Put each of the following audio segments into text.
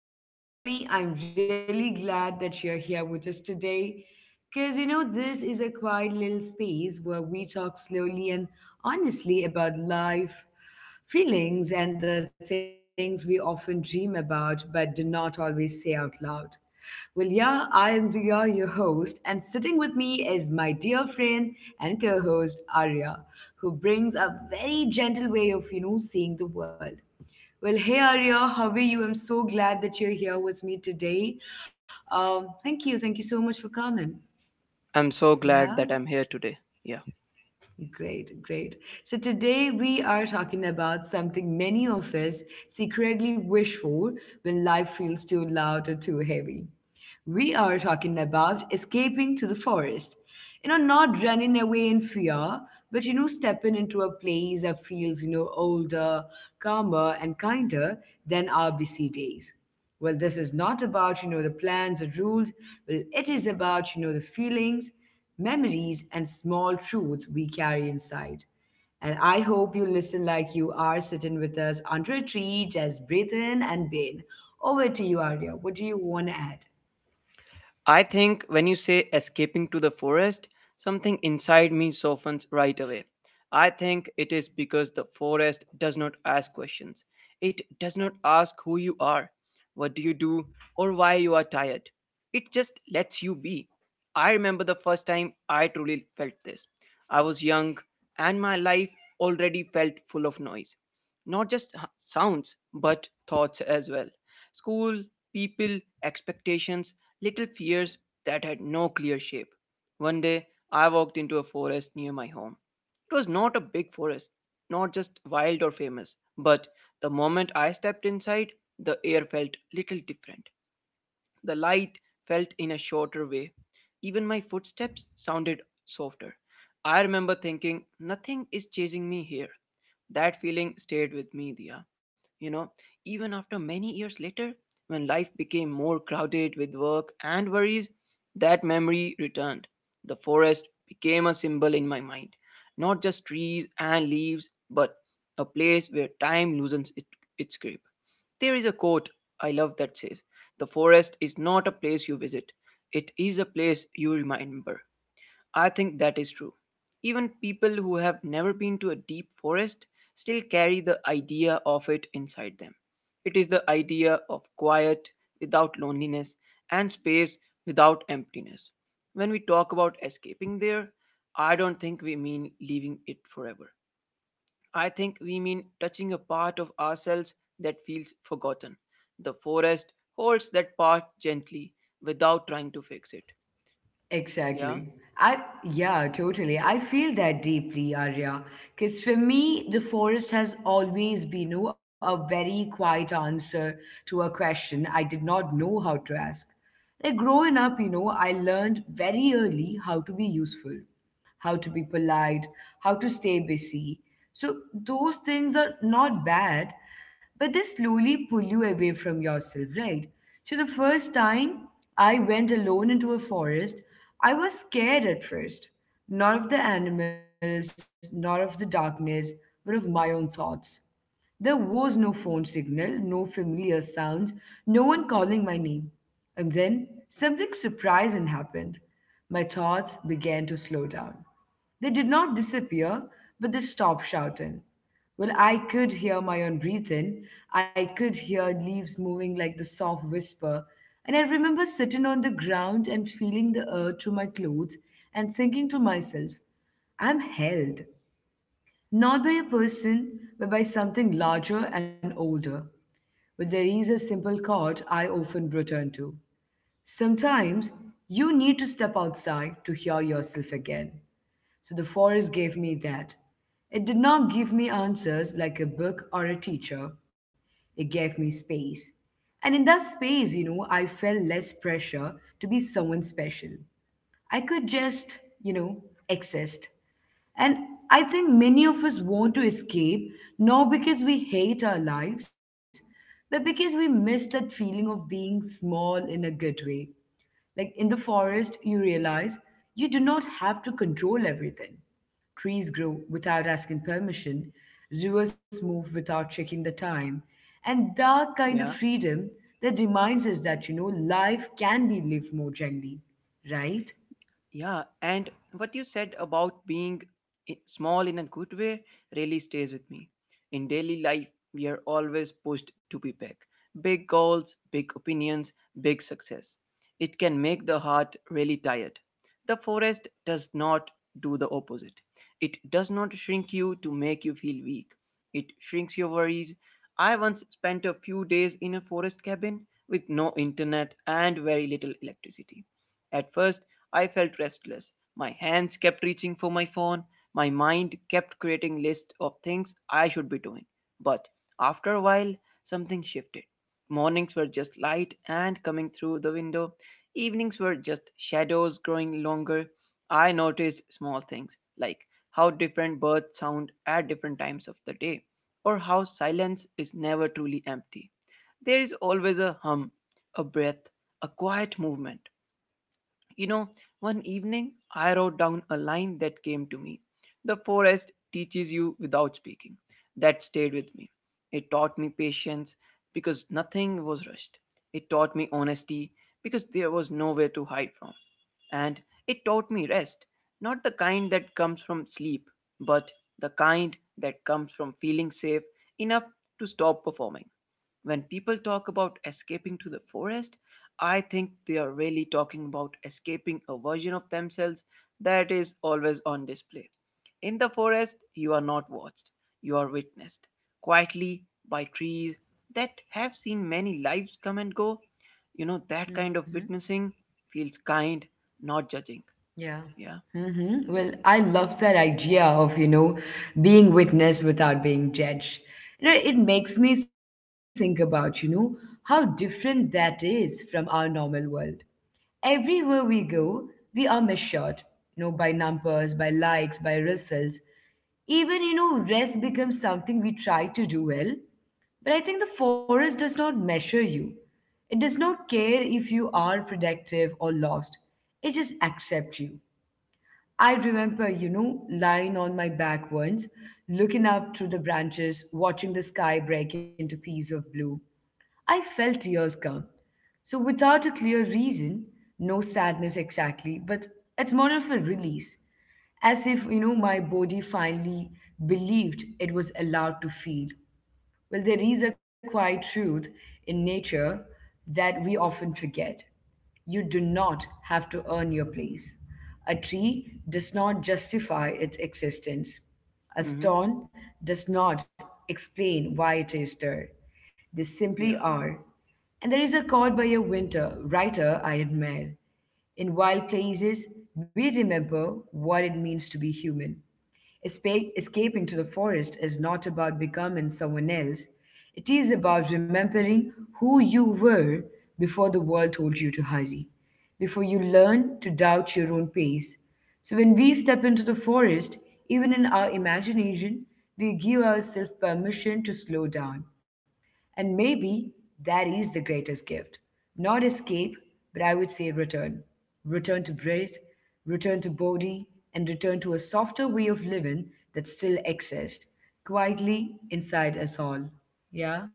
Well, trust me, I'm really glad that you're here with us today because this is a quiet little space where we talk slowly and honestly about life, feelings, and the things we often dream about but do not always say out loud. Well, yeah, I am Riya, your host, and sitting with me is my dear friend and co host Arya, who brings a very gentle way of, seeing the world. Well, hey Arya, how are you? I'm so glad that you're here with me today. Thank you so much for coming. I'm so Yeah, glad that I'm here today. Yeah. great, great. So today we are talking about something many of us secretly wish for when life feels too loud or too heavy. We are talking about escaping to the forest. You know, not running away in fear, but stepping into a place that feels, older, calmer, and kinder than our busy days. Well, this is not about, the plans or rules. Well, it is about, the feelings, memories, and small truths we carry inside. And I hope you listen like you are sitting with us under a tree, just breathe in and being. Over to you, Arya. What do you want to add? I think when you say escaping to the forest, something inside me softens right away. I think it is because the forest does not ask questions. It does not ask who you are, what do you do, or why you are tired. It just lets you be. I remember the first time I truly felt this. I was young and my life already felt full of noise. Not just sounds, but thoughts as well. School, people, expectations, little fears that had no clear shape. One day, I walked into a forest near my home. It was not a big forest, not just wild or famous, but the moment I stepped inside, the air felt little different. The light felt in a shorter way. Even my footsteps sounded softer. I remember thinking, nothing is chasing me here. That feeling stayed with me, Dia. You know, even after many years later, when life became more crowded with work and worries, that memory returned. The forest became a symbol in my mind. Not just trees and leaves, but a place where time loosens it, its grip. There is a quote I love that says, the forest is not a place you visit, it is a place you remember. I think that is true. Even people who have never been to a deep forest still carry the idea of it inside them. It is the idea of quiet without loneliness and space without emptiness. When we talk about escaping there, I don't think we mean leaving it forever. I think we mean touching a part of ourselves that feels forgotten. The forest holds that part gently without trying to fix it. Yeah, Exactly. I yeah, totally. I feel that deeply, Arya. Because for me, the forest has always been a very quiet answer to a question I did not know how to ask. Like growing up, I learned very early how to be useful, how to be polite, how to stay busy. So those things are not bad, but they slowly pull you away from yourself, right? So the first time I went alone into a forest, I was scared at first, not of the animals, not of the darkness, but of my own thoughts. There was no phone signal, no familiar sounds, no one calling my name. And then something surprising happened. My thoughts began to slow down. They did not disappear, but they stopped shouting. Well, I could hear my own breathing. I could hear leaves moving like the soft whisper. And I remember sitting on the ground and feeling the earth through my clothes and thinking to myself, I'm held. Not by a person, but by something larger and older. But there is a simple chord I often return to. Sometimes you need to step outside to hear yourself again. So the forest gave me that. It did not give me answers like a book or a teacher. It gave me space. And in that space, I felt less pressure to be someone special. I could just, exist. And I think many of us want to escape, not because we hate our lives, but because we miss that feeling of being small in a good way. Like in the forest, you realize you do not have to control everything. Trees grow without asking permission, rivers move without checking the time. And that kind of yeah. freedom that reminds us that, life can be lived more gently, right? Yeah, and what you said about being small in a good way really stays with me. In daily life, we are always pushed to be big. Big goals, big opinions, big success. It can make the heart really tired. The forest does not do the opposite. It does not shrink you to make you feel weak. It shrinks your worries. I once spent a few days in a forest cabin with no internet and very little electricity. At first, I felt restless. My hands kept reaching for my phone. My mind kept creating lists of things I should be doing. But after a while, something shifted. Mornings were just light and coming through the window. Evenings were just shadows growing longer. I noticed small things like how different birds sound at different times of the day, or how silence is never truly empty. There is always a hum, a breath, a quiet movement. You know, one evening I wrote down a line that came to me. The forest teaches you without speaking. That stayed with me. It taught me patience because nothing was rushed. It taught me honesty because there was nowhere to hide from. And it taught me rest, not the kind that comes from sleep, but the kind that comes from feeling safe enough to stop performing. When people talk about escaping to the forest, I think they are really talking about escaping a version of themselves that is always on display. In the forest, you are not watched, you are witnessed quietly by trees that have seen many lives come and go. You know, that kind of witnessing feels kind, not judging. Yeah. Yeah. Well, I love that idea of, being witnessed without being judged. It makes me think about, how different that is from our normal world. Everywhere we go, we are measured, by numbers, by likes, by results. Even, rest becomes something we try to do well. But I think the forest does not measure you. It does not care if you are productive or lost. It just accepts you. I remember, lying on my back once, looking up through the branches, watching the sky break into pieces of blue. I felt tears come. So, without a clear reason, no sadness exactly, but it's more of a release, as if, my body finally believed it was allowed to feel. Well, there is a quiet truth in nature that we often forget. You do not have to earn your place. A tree does not justify its existence. A Mm-hmm. stone does not explain why it is there. They Yeah. simply are. And there is a quote by a winter writer I admire. In wild places, we remember what it means to be human. Escaping to the forest is not about becoming someone else, it is about remembering who you were before the world told you to hurry, before you learned to doubt your own pace. So, when we step into the forest, even in our imagination, we give ourselves permission to slow down and maybe that is the greatest gift. Not escape, but I would say return. Return to breath, return to body, and return to a softer way of living that still exists quietly inside us all. Yeah?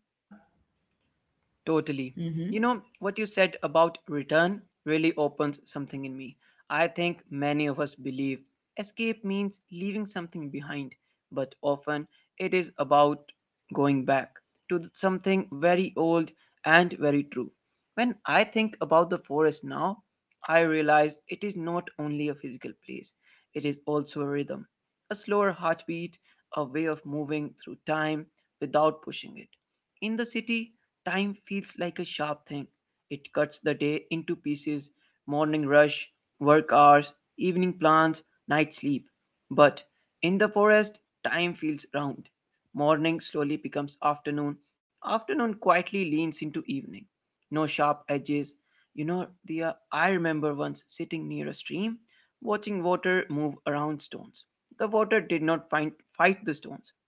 Totally. Mm-hmm. You know, what you said about return really opens something in me. I think many of us believe escape means leaving something behind, but often it is about going back to something very old and very true. When I think about the forest now, I realize it is not only a physical place, it is also a rhythm, a slower heartbeat, a way of moving through time without pushing it. In the city, time feels like a sharp thing. It cuts the day into pieces: morning rush, work hours, evening plans, night sleep. But in the forest, time feels round. Morning slowly becomes afternoon, afternoon quietly leans into evening, no sharp edges. You know, the I remember once sitting near a stream, watching water move around stones. The water did not find, fight the stones.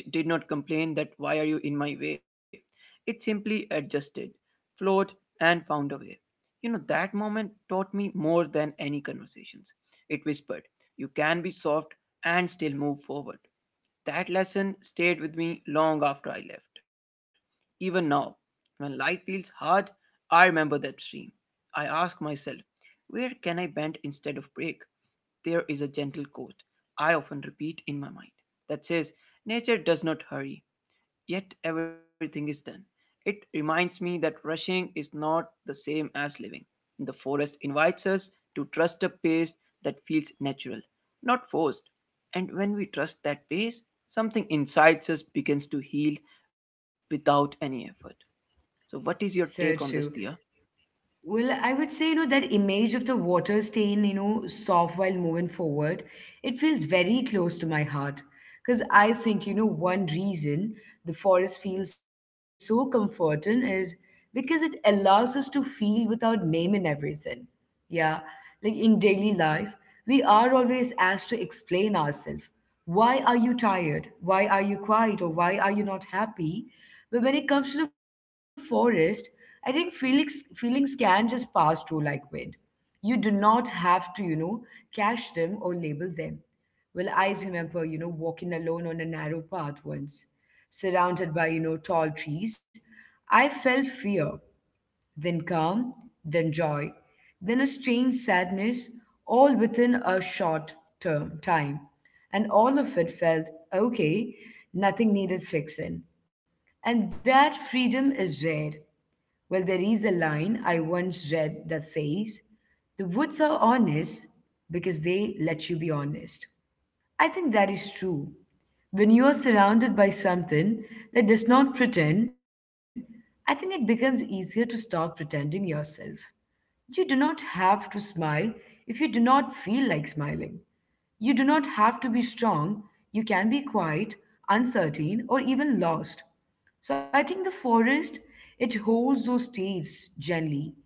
It did not complain that why are you in my way. It simply adjusted, flowed, and found a way. You know, that moment taught me more than any conversations. It whispered, "You can be soft and still move forward." That lesson stayed with me long after I left. Even now, when life feels hard, I remember that stream. I ask myself, where can I bend instead of break? There is a gentle quote I often repeat in my mind that says, nature does not hurry, yet everything is done. It reminds me that rushing is not the same as living. The forest invites us to trust a pace that feels natural, not forced. And when we trust that pace, something inside us begins to heal without any effort. So, what So is your true. take on this, Thea? Well, I would say, that image of the water staying, soft while moving forward, it feels very close to my heart. Because I think, one reason the forest feels so comforting is because it allows us to feel without naming everything. Yeah. Like in daily life, we are always asked to explain ourselves. Why are you tired? Why are you quiet? Or why are you not happy? But when it comes to the forest, I think feelings can just pass through like wind. You do not have to, catch them or label them. Well, I remember, walking alone on a narrow path once, surrounded by, tall trees. I felt fear, then calm, then joy, then a strange sadness, all within a short term time. And all of it felt okay, nothing needed fixing. And that freedom is rare. Well, there is a line I once read that says, the woods are honest because they let you be honest. I think that is true. When you are surrounded by something that does not pretend, I think it becomes easier to stop pretending yourself. You do not have to smile if you do not feel like smiling. You do not have to be strong, you can be quiet, uncertain, or even lost. So I think the forest, it holds those states gently.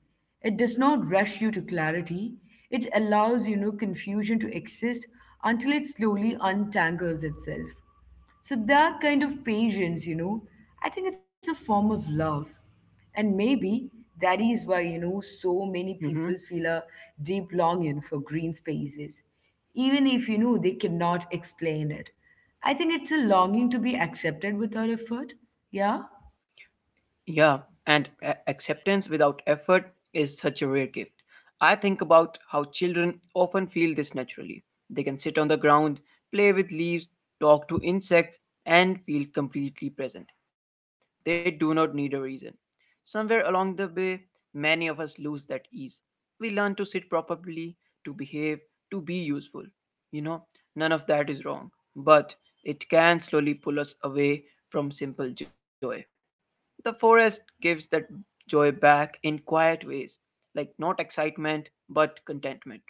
It does not rush you to clarity. It allows, confusion to exist until it slowly untangles itself. So that kind of patience, I think it's a form of love. And maybe that is why, so many people feel a deep longing for green spaces, even if, they cannot explain it. I think it's a longing to be accepted without effort. Yeah? Yeah, and acceptance without effort is such a rare gift. I think about how children often feel this naturally. They can sit on the ground, play with leaves, talk to insects, and feel completely present. They do not need a reason. Somewhere along the way, many of us lose that ease. We learn to sit properly, to behave, to be useful. You know, none of that is wrong, but it can slowly pull us away from simple joy. The forest gives that joy back in quiet ways, like not excitement, but contentment.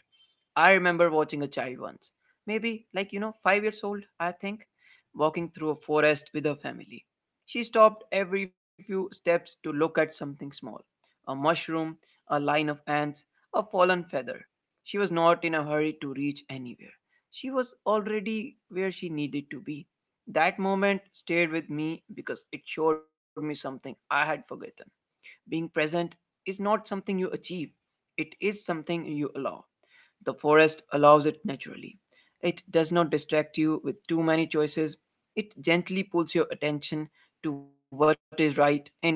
I remember watching a child once, maybe like, you know, five years old, I think, walking through a forest with her family. She stopped every few steps to look at something small: a mushroom, a line of ants, a fallen feather. She was not in a hurry to reach anywhere. She was already where she needed to be. That moment stayed with me because it showed me something I had forgotten. Being present is not something you achieve, it is something you allow. The forest allows it naturally. It does not distract you with too many choices. It gently pulls your attention to what is right in front of you.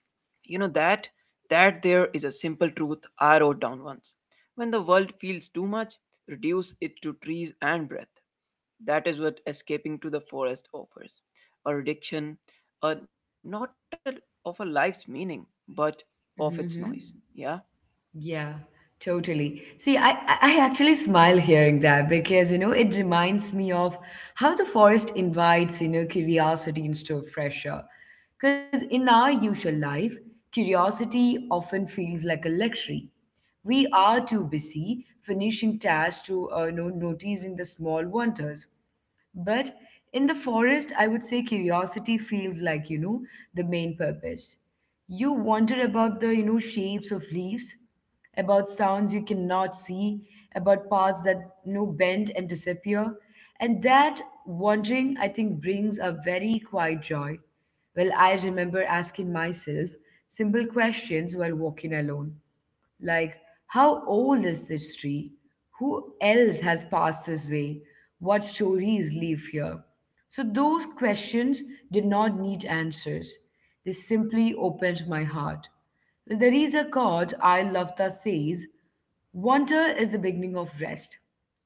You know that there is a simple truth I wrote down once. When the world feels too much, reduce it to trees and breath. That is what escaping to the forest offers. A reduction, a not a, of a life's meaning, but of its noise. hmm Yeah. Yeah, totally. See, I actually smile hearing that because, it reminds me of how the forest invites, curiosity instead of pressure. Because in our usual life, curiosity often feels like a luxury. We are too busy finishing tasks to no, noticing the small wonders. But in the forest, I would say curiosity feels like, the main purpose. You wonder about the, shapes of leaves, about sounds you cannot see, about paths that, bend and disappear. And that wondering, I think, brings a very quiet joy. Well, I remember asking myself simple questions while walking alone. Like, how old is this tree? Who else has passed this way? What stories live here? So, those questions did not need answers. They simply opened my heart. There is a quote I love that says, wonder is the beginning of rest.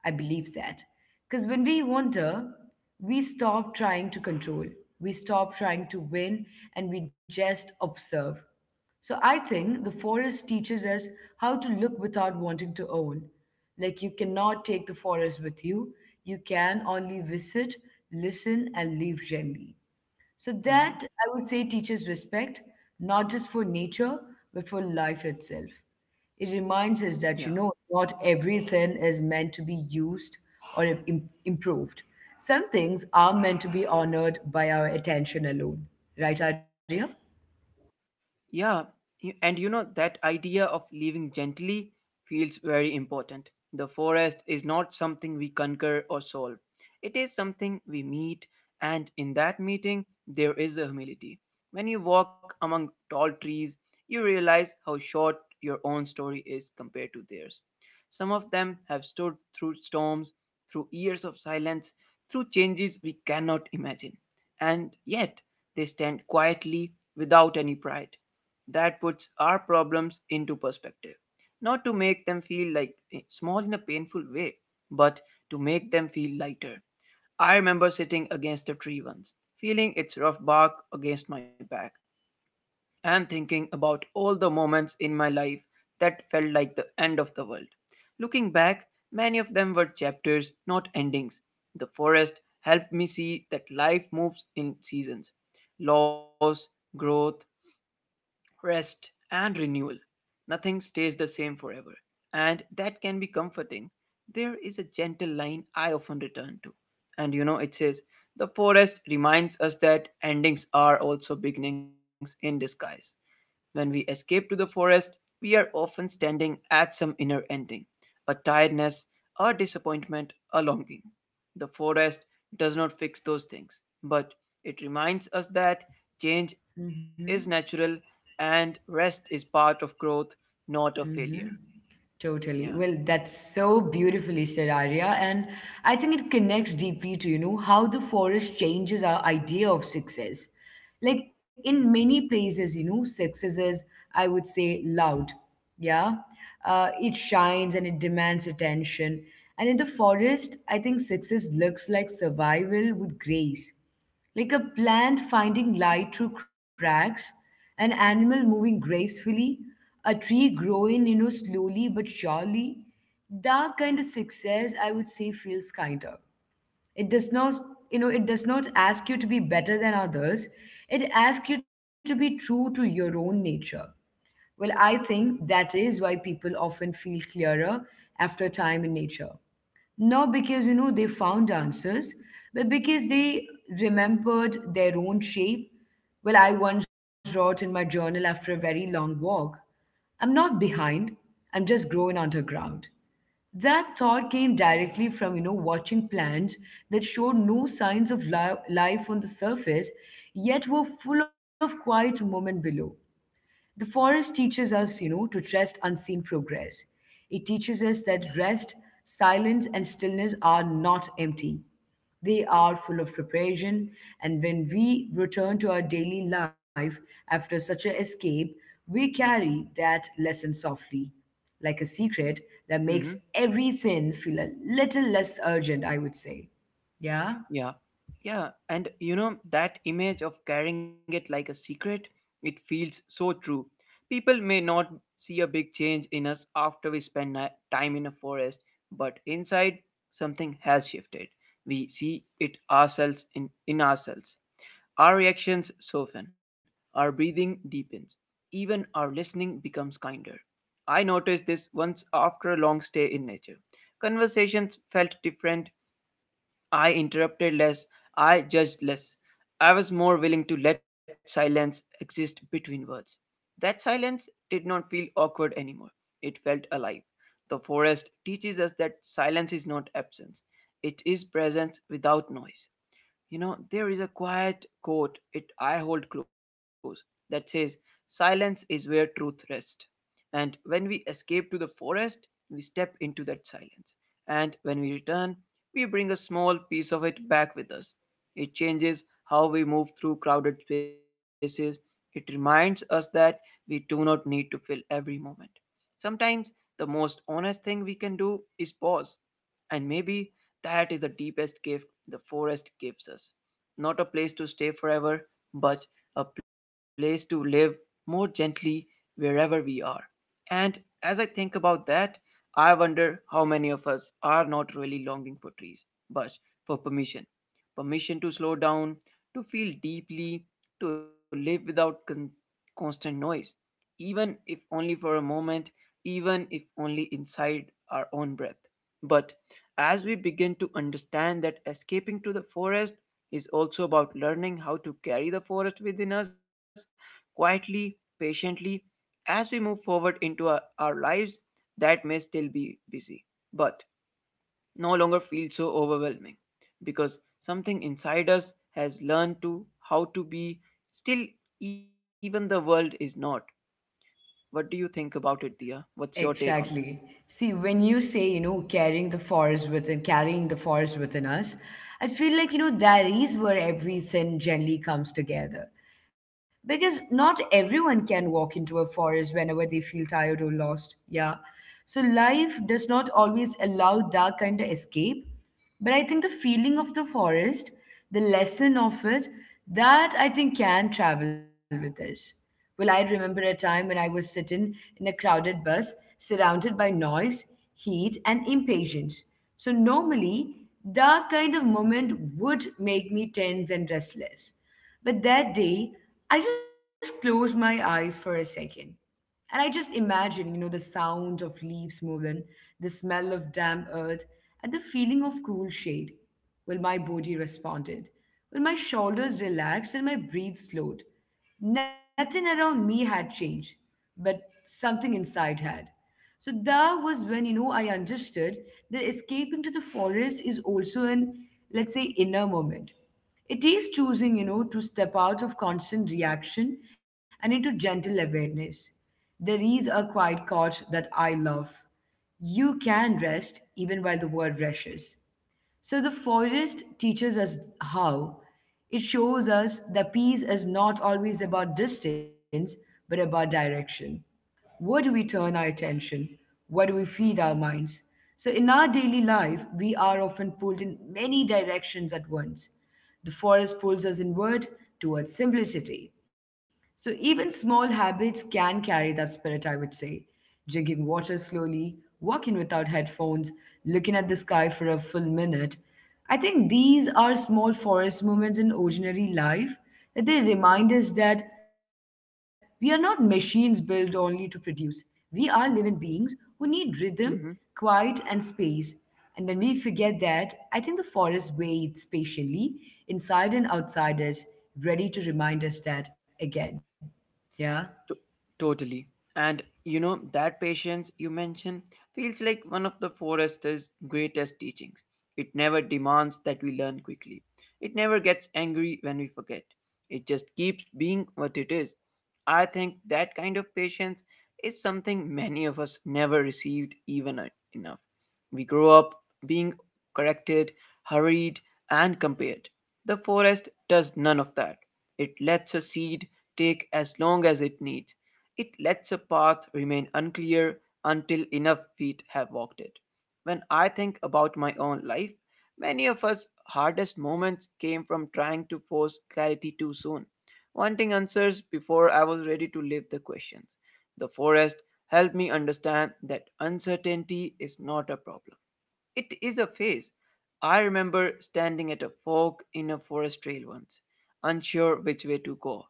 I believe that. Because when we wonder, we stop trying to control, we stop trying to win, and we just observe. So I think the forest teaches us how to look without wanting to own. Like you cannot take the forest with you, you can only visit, listen, and leave gently. So hmm that I would say teaches respect, not just for nature, but for life itself. It reminds us Yeah. that, not everything is meant to be used or improved. Some things are meant to be honored by our attention alone. Right, Arya? Yeah, and you know that idea of living gently feels very important. The forest is not something we conquer or solve, it is something we meet, and in that meeting, there is a humility. When you walk among tall trees, you realize how short your own story is compared to theirs. Some of them have stood through storms, through years of silence, through changes we cannot imagine and yet they stand quietly without any pride. That puts our problems into perspective. Not to make them feel like small in a painful way, but to make them feel lighter. I remember sitting against a tree once, feeling its rough bark against my back and thinking about all the moments in my life that felt like the end of the world. Looking back, many of them were chapters, not endings. The forest helped me see that life moves in seasons: loss, growth, rest, and renewal. Nothing stays the same forever, and that can be comforting. There is a gentle line I often return to, and you know it says, the forest reminds us that endings are also beginnings in disguise. When we escape to the forest, we are often standing at some inner ending, a tiredness, a disappointment, a longing. The forest does not fix those things, but it reminds us that change is Mm-hmm. natural and rest is part of growth, not a failure. Yeah. Totally. Well, that's so beautifully said, Arya. And I think it connects deeply to, how the forest changes our idea of success. Like in many places, success is, I would say, loud. Yeah. It shines and it demands attention. And in the forest, I think success looks like survival with grace like a plant finding light through cracks, an animal moving gracefully, a tree growing, slowly but surely. That kind of success, I would say, feels kinder. It does not, it does not ask you to be better than others. It asks you to be true to your own nature. Well, I think that is why people often feel clearer after time in nature, not because they found answers, but because they remembered their own shape. Well, I once wrote in my journal after a very long walk, "I'm not behind, I'm just growing underground." That thought came directly from watching plants that showed no signs of life on the surface, yet were full of quiet moment below. The forest teaches us, to trust unseen progress. It teaches us that rest, silence, and stillness are not empty. They are full of preparation, and when we return to our daily life after such an escape, we carry that lesson softly, like a secret that makes hmm everything feel a little less urgent, I would say. Yeah? Yeah, yeah, and you know, that image of carrying it like a secret, it feels so true. People may not see a big change in us after we spend time in a forest, but inside, something has shifted. We see it ourselves in ourselves. Our reactions soften, our breathing deepens, even our listening becomes kinder. I noticed this once after a long stay in nature. Conversations felt different, I interrupted less, I judged less. I was more willing to let silence exist between words. That silence did not feel awkward anymore. It felt alive. The forest teaches us that silence is not absence, it is presence without noise. You know, there is a quiet quote it I hold close that says, "Silence is where truth rests." And when we escape to the forest, we step into that silence. And when we return, we bring a small piece of it back with us. It changes how we move through crowded spaces. It reminds us that we do not need to fill every moment. Sometimes the most honest thing we can do is pause, and maybe that is the deepest gift the forest gives us. Not a place to stay forever, but a place to live more gently wherever we are. And as I think about that, I wonder how many of us are not really longing for trees, but for permission. Permission to slow down, to feel deeply, to live without constant noise, even if only for a moment, even if only inside our own breath. But as we begin to understand that escaping to the forest is also about learning how to carry the forest within us quietly, patiently, as we move forward into our lives that may still be busy, but no longer feel so overwhelming because something inside us has learned to how to be still even the world is not. What do you think about it, Dia? What's your take on this? Exactly. See, when you say, carrying the forest within, carrying the forest within us, I feel like, that is where everything generally comes together, because not everyone can walk into a forest whenever they feel tired or lost. Yeah. So life does not always allow that kind of escape, but I think the feeling of the forest, the lesson of it, that I think can travel with us. Well, I remember a time when I was sitting in a crowded bus surrounded by noise, heat, and impatience. So normally that kind of moment would make me tense and restless, but that day, I just closed my eyes for a second. And I just imagined, the sound of leaves moving, the smell of damp earth, and the feeling of cool shade. Well, my body responded. Well, my shoulders relaxed and my breath slowed. Nothing around me had changed, but something inside had. So that was when, I understood that escaping to the forest is also an, let's say, inner moment. It is choosing, to step out of constant reaction and into gentle awareness. There is a quiet quote that I love: "You can rest even while the world rushes." So the forest teaches us how. It shows us that peace is not always about distance, but about direction. Where do we turn our attention? Where do we feed our minds? So, in our daily life, we are often pulled in many directions at once. The forest pulls us inward towards simplicity. So, even small habits can carry that spirit, I would say. Drinking water slowly, walking without headphones, looking at the sky for a full minute. I think these are small forest moments in ordinary life that they remind us that we are not machines built only to produce. We are living beings who need rhythm, quiet, and space. And when we forget that, I think the forest waits patiently inside and outside us, ready to remind us that again. Yeah? To- Totally. And you know, that patience you mentioned feels like one of the forester's greatest teachings. It never demands that we learn quickly, it never gets angry when we forget. It just keeps being what it is. I think that kind of patience is something many of us never received enough. We grow up being corrected, hurried, and compared. The forest does none of that. It lets a seed take as long as it needs. It lets a path remain unclear until enough feet have walked it. When I think about my own life, many of us hardest moments came from trying to force clarity too soon, wanting answers before I was ready to live the questions. The forest helped me understand that uncertainty is not a problem. It is a phase. I remember standing at a fork in a forest trail once, unsure which way to go.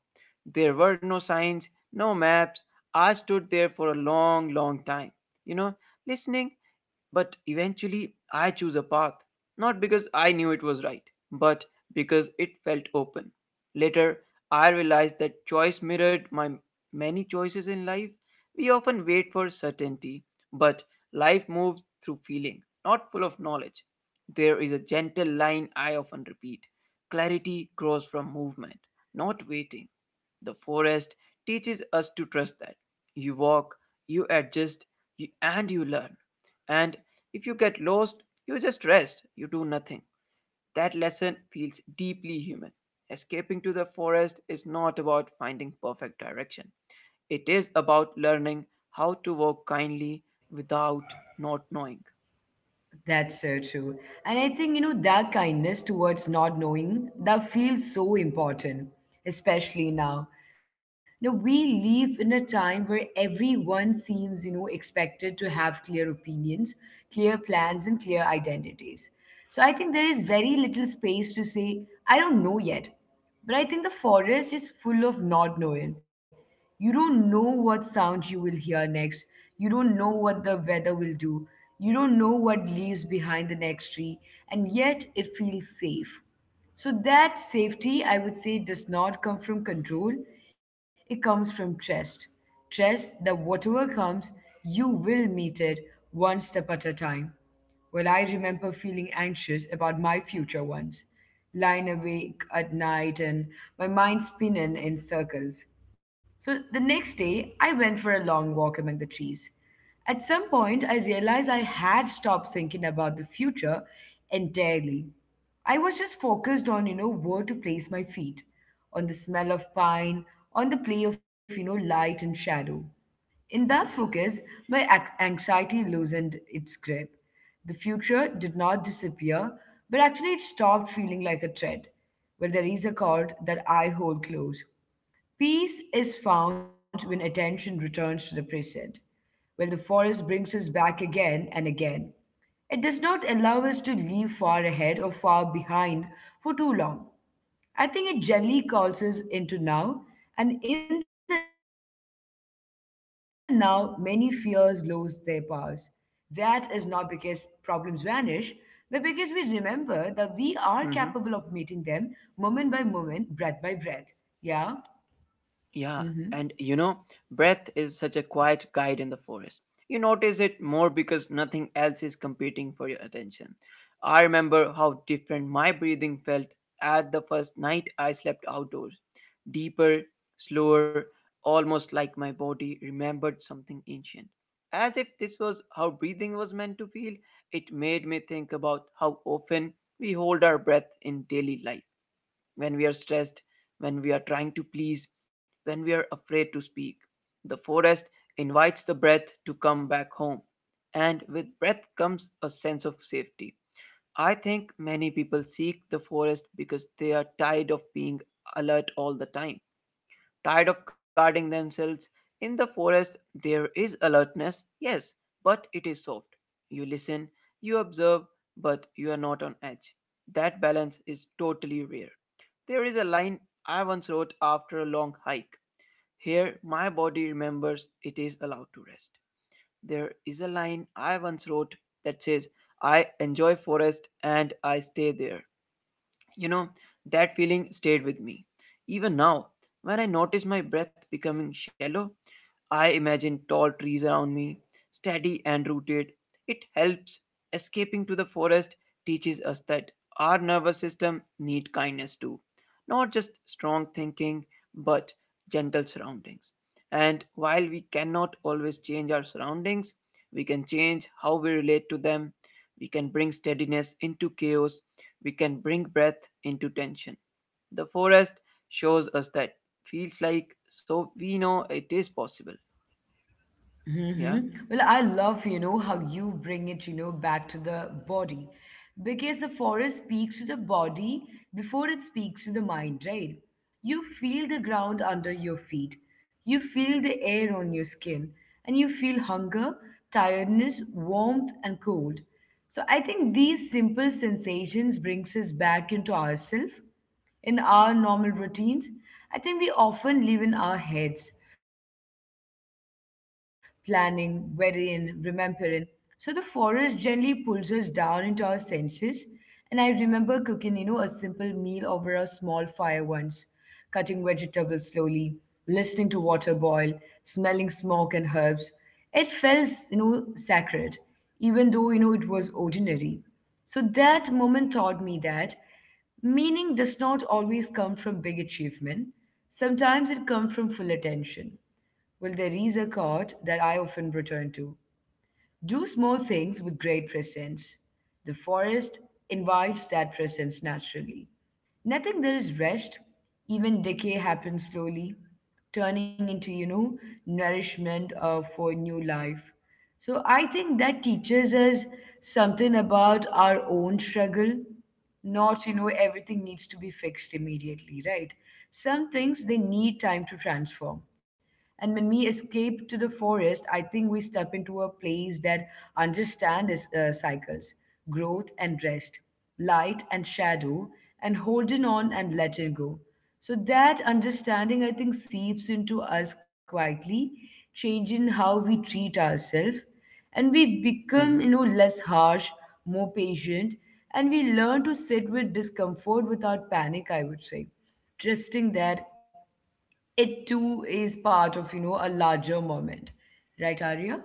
There were no signs, no maps. I stood there for a long, long time, you know, listening, but eventually, I choose a path, not because I knew it was right, but because it felt open. Later, I realized that choice mirrored my many choices in life. We often wait for certainty, but life moves through feeling, not full of knowledge. There is a gentle line I often repeat: clarity grows from movement, not waiting. The forest teaches us to trust that. You walk, you adjust, and you learn. And if you get lost, you just rest, you do nothing. That lesson feels deeply human. Escaping to the forest is not about finding perfect direction, it is about learning how to walk kindly without not knowing. That's so true. And I think, that kindness towards not knowing, that feels so important, especially now. We live in a time where everyone seems, expected to have clear opinions, clear plans, and clear identities. So I think there is very little space to say, "I don't know yet." But I think the forest is full of not knowing. You don't know what sound you will hear next. You don't know what the weather will do. You don't know what leaves behind the next tree, and yet it feels safe. So, that safety, I would say, does not come from control, it comes from trust. Trust that whatever comes, you will meet it one step at a time. Well, I remember feeling anxious about my future once, lying awake at night and my mind spinning in circles. So the next day, I went for a long walk among the trees. At some point, I realized I had stopped thinking about the future entirely. I was just focused on, where to place my feet, on the smell of pine, on the play of, light and shadow. In that focus, my anxiety loosened its grip. The future did not disappear, but actually it stopped feeling like a threat. Well, there is a chord that I hold close: "Peace is found when attention returns to the present." Well, the forest brings us back again and again. It does not allow us to leave far ahead or far behind for too long. I think it generally calls us into now, and in the now, many fears lose their powers. That is not because problems vanish, but because we remember that we are capable of meeting them moment by Mm-hmm. moment, breath by breath. Yeah? Mm-hmm. Yeah, and you know, breath is such a quiet guide in the forest. You notice it more because nothing else is competing for your attention. I remember how different my breathing felt at the first night I slept outdoors. Deeper, slower, almost like my body remembered something ancient. As if this was how breathing was meant to feel, it made me think about how often we hold our breath in daily life when we are stressed, when we are trying to please, when we are afraid to speak. The forest invites the breath to come back home, and with breath comes a sense of safety. I think many people seek the forest because they are tired of being alert all the time, tired of guarding themselves. In the forest, there is alertness, yes, but it is soft. You listen, you observe, but you are not on edge. That balance is totally rare. There is a line I once wrote after a long hike. Here, my body remembers it is allowed to rest. There is a line I once wrote that says, I enjoy forest and I stay there. You know, that feeling stayed with me. Even now, when I notice my breath becoming shallow, I imagine tall trees around me, steady and rooted. It helps. Escaping to the forest teaches us that our nervous system need kindness too. Not just strong thinking, but gentle surroundings. And while we cannot always change our surroundings, we can change how we relate to them. We can bring steadiness into chaos. We can bring breath into tension. The forest shows us that feels like so we know it is possible. Yeah. Well, I love, how you bring it, back to the body, because the forest speaks to the body before it speaks to the mind, right? You feel the ground under your feet, you feel the air on your skin, and you feel hunger, tiredness, warmth, and cold. So I think these simple sensations brings us back into ourselves. In our normal routines, I think we often live in our heads, planning, worrying, remembering. So the forest generally pulls us down into our senses. And I remember cooking, a simple meal over a small fire once, cutting vegetables slowly, listening to water boil, smelling smoke and herbs. It felt, sacred, even though, it was ordinary. So that moment taught me that meaning does not always come from big achievement. Sometimes it comes from full attention. Well, there is a quote that I often return to: "Do small things with great presence." The forest invites that presence naturally. Nothing there is rushed. Even decay happens slowly, turning into, nourishment for new life. So I think that teaches us something about our own struggle. Not, everything needs to be fixed immediately, right? Some things they need time to transform. And when we escape to the forest, I think we step into a place that understands cycles, growth and rest, light and shadow, and holding on and letting go. So that understanding, I think, seeps into us quietly, changing how we treat ourselves. And we become, Mhm. Less harsh, more patient, and we learn to sit with discomfort without panic, I would say. Trusting that it too is part of a larger moment, right, Arya?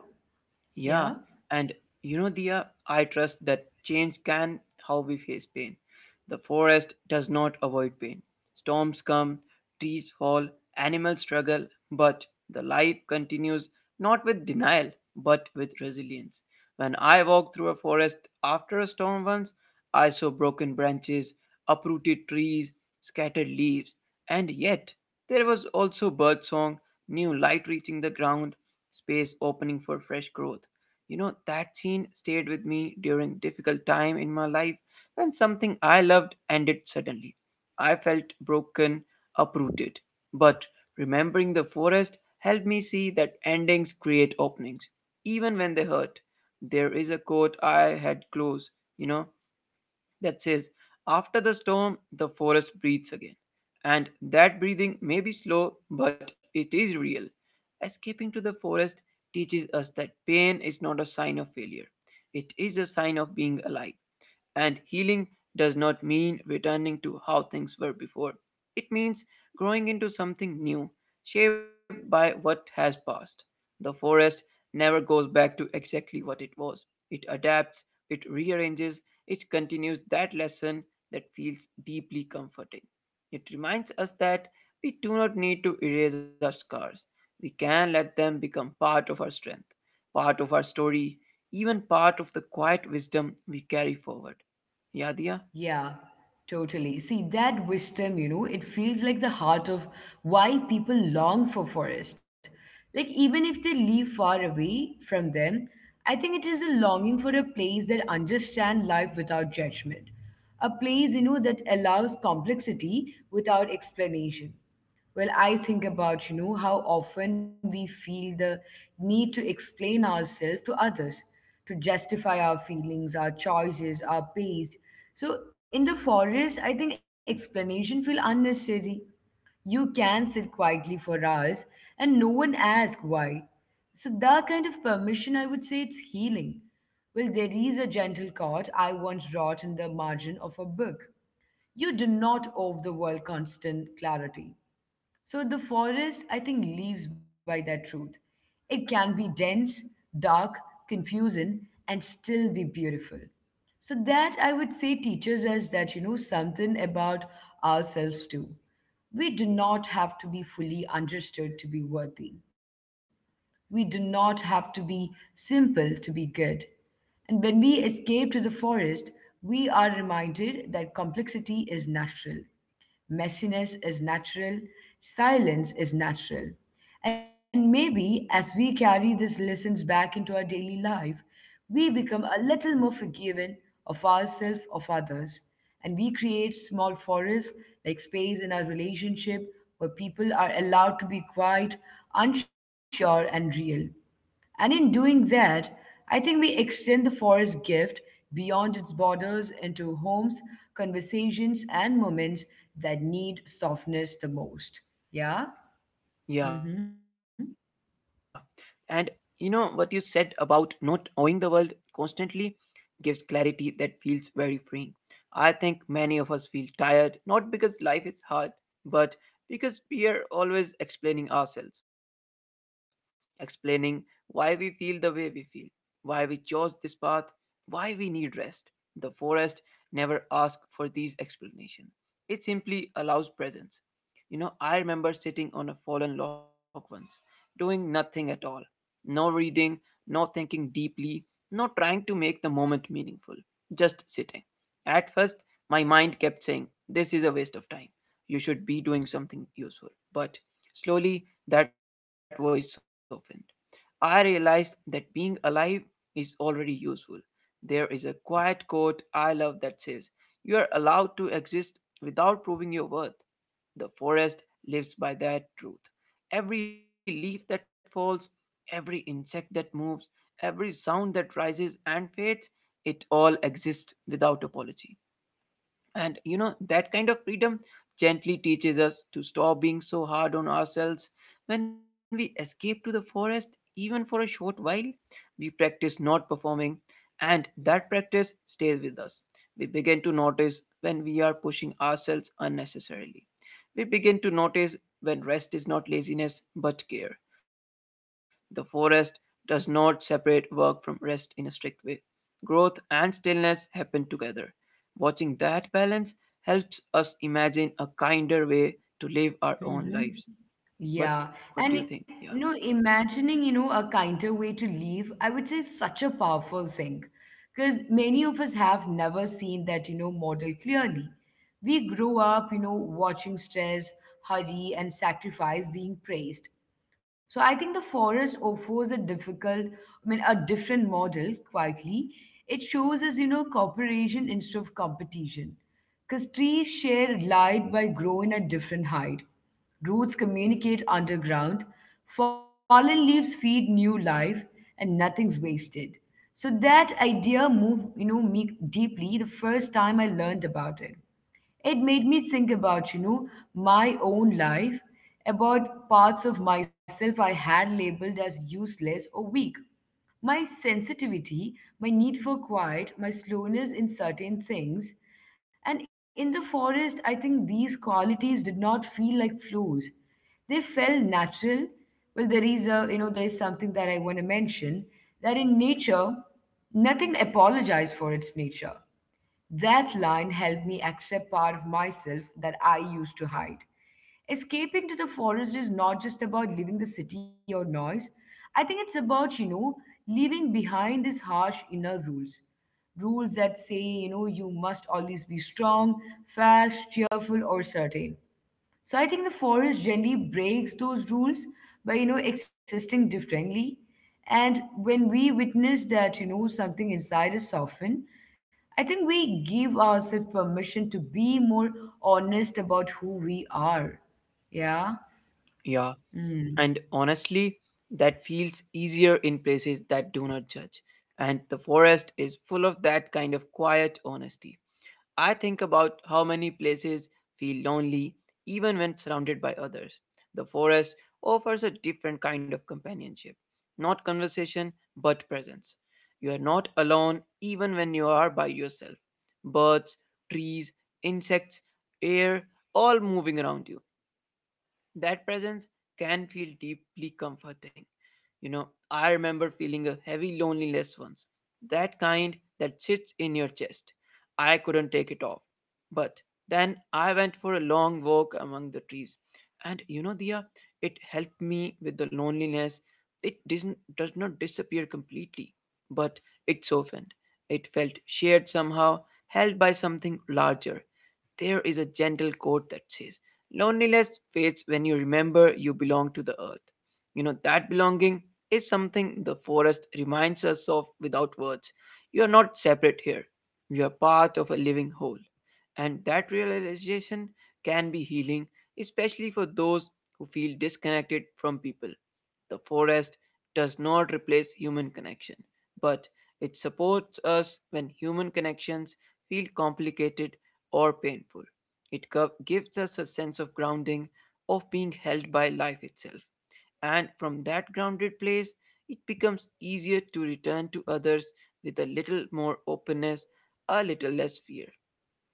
Yeah, Yeah. and you know, Dia, I trust that change can how we face pain. The forest does not avoid pain. Storms come, trees fall, animals struggle, but the life continues, not with denial but with resilience. When I walked through a forest after a storm once, I saw broken branches, uprooted trees, scattered leaves, and yet there was also birdsong, new light reaching the ground, space opening for fresh growth. You know, that scene stayed with me during difficult time in my life when something I loved ended suddenly. I felt broken, uprooted. But remembering the forest helped me see that endings create openings, even when they hurt. There is a quote I had close, you know, that says, After the storm, the forest breathes again. And that breathing may be slow, but it is real. Escaping to the forest teaches us that pain is not a sign of failure, it is a sign of being alive. And healing does not mean returning to how things were before. It means growing into something new, shaped by what has passed. The forest never goes back to exactly what it was. It adapts, it rearranges, it continues that lesson that feels deeply comforting. It reminds us that we do not need to erase our scars. We can let them become part of our strength, part of our story, even part of the quiet wisdom we carry forward. Yeah, Diya? Yeah, totally. See, that wisdom, it feels like the heart of why people long for forest, like, even if they live far away from them. I think it is a longing for a place that understands life without judgment, a place that allows complexity without explanation. Well, I think about, how often we feel the need to explain ourselves to others, to justify our feelings, our choices, our pace. So in the forest, I think explanation feel unnecessary. You can sit quietly for hours and no one asks why. So that kind of permission, I would say, it's healing. Well, there is a gentle chord I once wrote in the margin of a book: "You do not owe the world constant clarity." So the forest, I think, lives by that truth. It can be dense, dark, confusing, and still be beautiful. So that I would say teaches us that something about ourselves too. We do not have to be fully understood to be worthy. We do not have to be simple to be good. And when we escape to the forest, we are reminded that complexity is natural. Messiness is natural, silence is natural. And maybe as we carry these lessons back into our daily life, we become a little more forgiving of ourselves, of others. And we create small forests, like space in our relationship where people are allowed to be quiet, unsure, and real. And in doing that, I think we extend the forest gift beyond its borders into homes, conversations, and moments that need softness the most. Yeah? Mm-hmm. Yeah. And you know what you said about not owing the world constantly gives clarity that feels very freeing. I think many of us feel tired, not because life is hard, but because we are always explaining ourselves, explaining why we feel the way we feel, why we chose this path, why we need rest. The forest never asks for these explanations, it simply allows presence. You know, I remember sitting on a fallen log once, doing nothing at all. No reading, no thinking deeply, no trying to make the moment meaningful. Just sitting. At first, my mind kept saying, This is a waste of time. You should be doing something useful. But slowly, that voice softened. I realized that being alive is already useful. There is a quiet quote I love that says, You are allowed to exist without proving your worth. The forest lives by that truth. Every leaf that falls, every insect that moves, every sound that rises and fades, it all exists without apology. And you know, that kind of freedom gently teaches us to stop being so hard on ourselves. When we escape to the forest, even for a short while, we practice not performing, and that practice stays with us. We begin to notice when we are pushing ourselves unnecessarily. We begin to notice when rest is not laziness but care. The forest does not separate work from rest in a strict way. Growth and stillness happen together. Watching that balance helps us imagine a kinder way to live our own lives. Mm-hmm. What Yeah. what do you And think? Yeah. Imagining, a kinder way to leave, I would say it's such a powerful thing. Because many of us have never seen that, model clearly. We grow up, watching stress, hurry, and sacrifice being praised. So I think the forest offers I mean, a different model quietly. It shows us, cooperation instead of competition. Because trees share light by growing at different height. Roots communicate underground. Fallen leaves feed new life, and nothing's wasted. So that idea moved, me deeply the first time I learned about it. It made me think about, my own life, about parts of myself I had labeled as useless or weak. My sensitivity, my need for quiet, my slowness in certain things. And in the forest, I think these qualities did not feel like flaws. They felt natural. Well, there is a, you know, there is something that I want to mention, that in nature, nothing apologized for its nature. That line helped me accept part of myself that I used to hide. Escaping to the forest is not just about leaving the city or noise. I think it's about, leaving behind these harsh inner rules. Rules that say, you must always be strong, fast, cheerful, or certain. So I think the forest generally breaks those rules by, existing differently. And when we witness that, something inside is softened, I think we give ourselves permission to be more honest about who we are. Yeah. Yeah. And Mm. honestly, that feels easier in places that do not judge. And the forest is full of that kind of quiet honesty. I think about how many places feel lonely even when surrounded by others. The forest offers a different kind of companionship, not conversation, but presence. You are not alone even when you are by yourself. Birds, trees, insects, air, all moving around you, that presence can feel deeply comforting. You know, I remember feeling a heavy loneliness once, that kind that sits in your chest. I couldn't take it off. But then I went for a long walk among the trees. And you know, Dia, it helped me with the loneliness. It does not disappear completely, but it softened. It felt shared somehow, held by something larger. There is a gentle quote that says, Loneliness fades when you remember you belong to the earth. You know, that belonging is something the forest reminds us of without words. You are not separate here, you are part of a living whole. And that realization can be healing, especially for those who feel disconnected from people. The forest does not replace human connection, but it supports us when human connections feel complicated or painful. It gives us a sense of grounding, of being held by life itself. And from that grounded place, it becomes easier to return to others with a little more openness, a little less fear.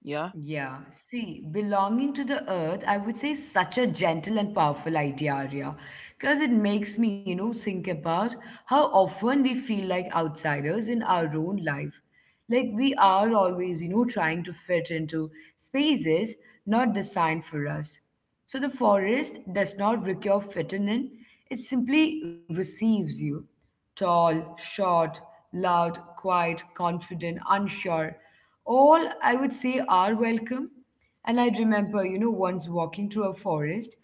Yeah? Yeah, see, belonging to the earth, I would say, is such a gentle and powerful idea, Arya, because it makes me, think about how often we feel like outsiders in our own life. Like we are always, trying to fit into spaces not designed for us. So the forest does not require fitting in, it simply receives you. Tall, short, loud, quiet, confident, unsure. All, I would say, are welcome. And I remember, once walking through a forest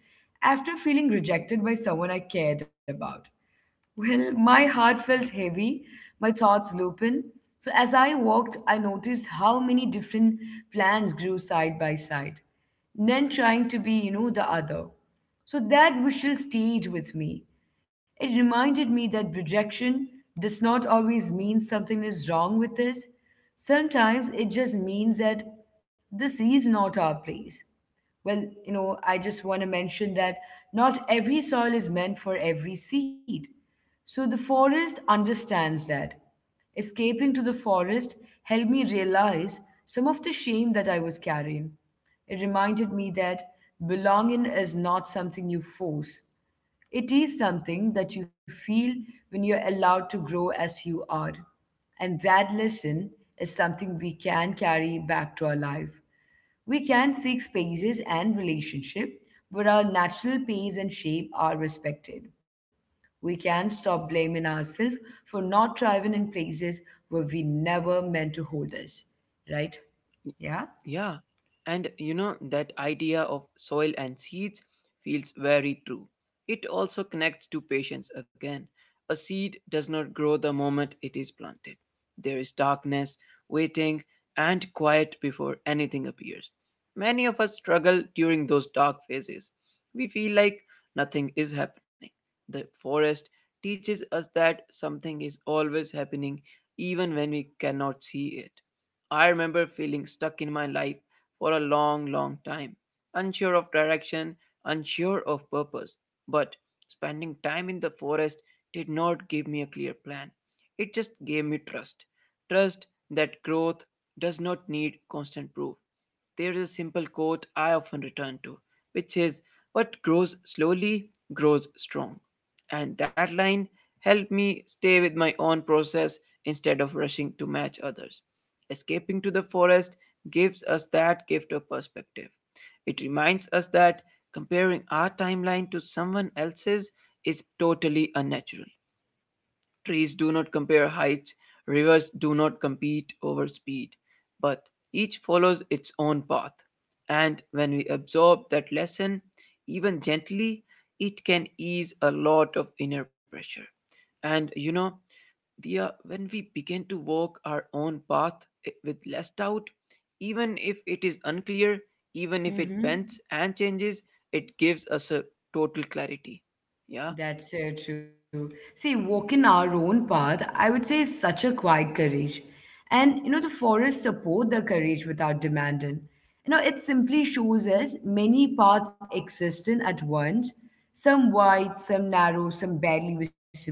after feeling rejected by someone I cared about. Well, my heart felt heavy, my thoughts lopin. So as I walked, I noticed how many different plants grew side by side, none trying to be, the other. So that visual stayed with me. It reminded me that rejection does not always mean something is wrong with this. Sometimes it just means that this is not our place. Well, I just want to mention that not every soil is meant for every seed. So the forest understands that. Escaping to the forest helped me realize some of the shame that I was carrying. It reminded me that belonging is not something you force, it is something that you feel when you're allowed to grow as you are. And that lesson is something we can carry back to our life. We can seek spaces and relationship where our natural pace and shape are respected. We can't stop blaming ourselves for not thriving in places where we never meant to hold us, right? Yeah? Yeah, and you know, that idea of soil and seeds feels very true. It also connects to patience again. A seed does not grow the moment it is planted. There is darkness, waiting, and quiet before anything appears. Many of us struggle during those dark phases. We feel like nothing is happening. The forest teaches us that something is always happening, even when we cannot see it. I remember feeling stuck in my life for a long, long time, unsure of direction, unsure of purpose. But spending time in the forest did not give me a clear plan. It just gave me trust. Trust that growth does not need constant proof. There is a simple quote I often return to, which says, "What grows slowly grows strong." And that line helped me stay with my own process instead of rushing to match others. Escaping to the forest gives us that gift of perspective. It reminds us that comparing our timeline to someone else's is totally unnatural. Trees do not compare heights, rivers do not compete over speed, but each follows its own path. And when we absorb that lesson, even gently, it can ease a lot of inner pressure. And you know, Dear, when we begin to walk our own path with less doubt, even if it is unclear, even if it bends Mm-hmm. and changes, it gives us a total clarity. Yeah, That's so true. See, walking our own path, I would say, is such a quiet courage. And, the forests support the courage without demanding. It simply shows us many paths existing at once, some wide, some narrow, some barely visible.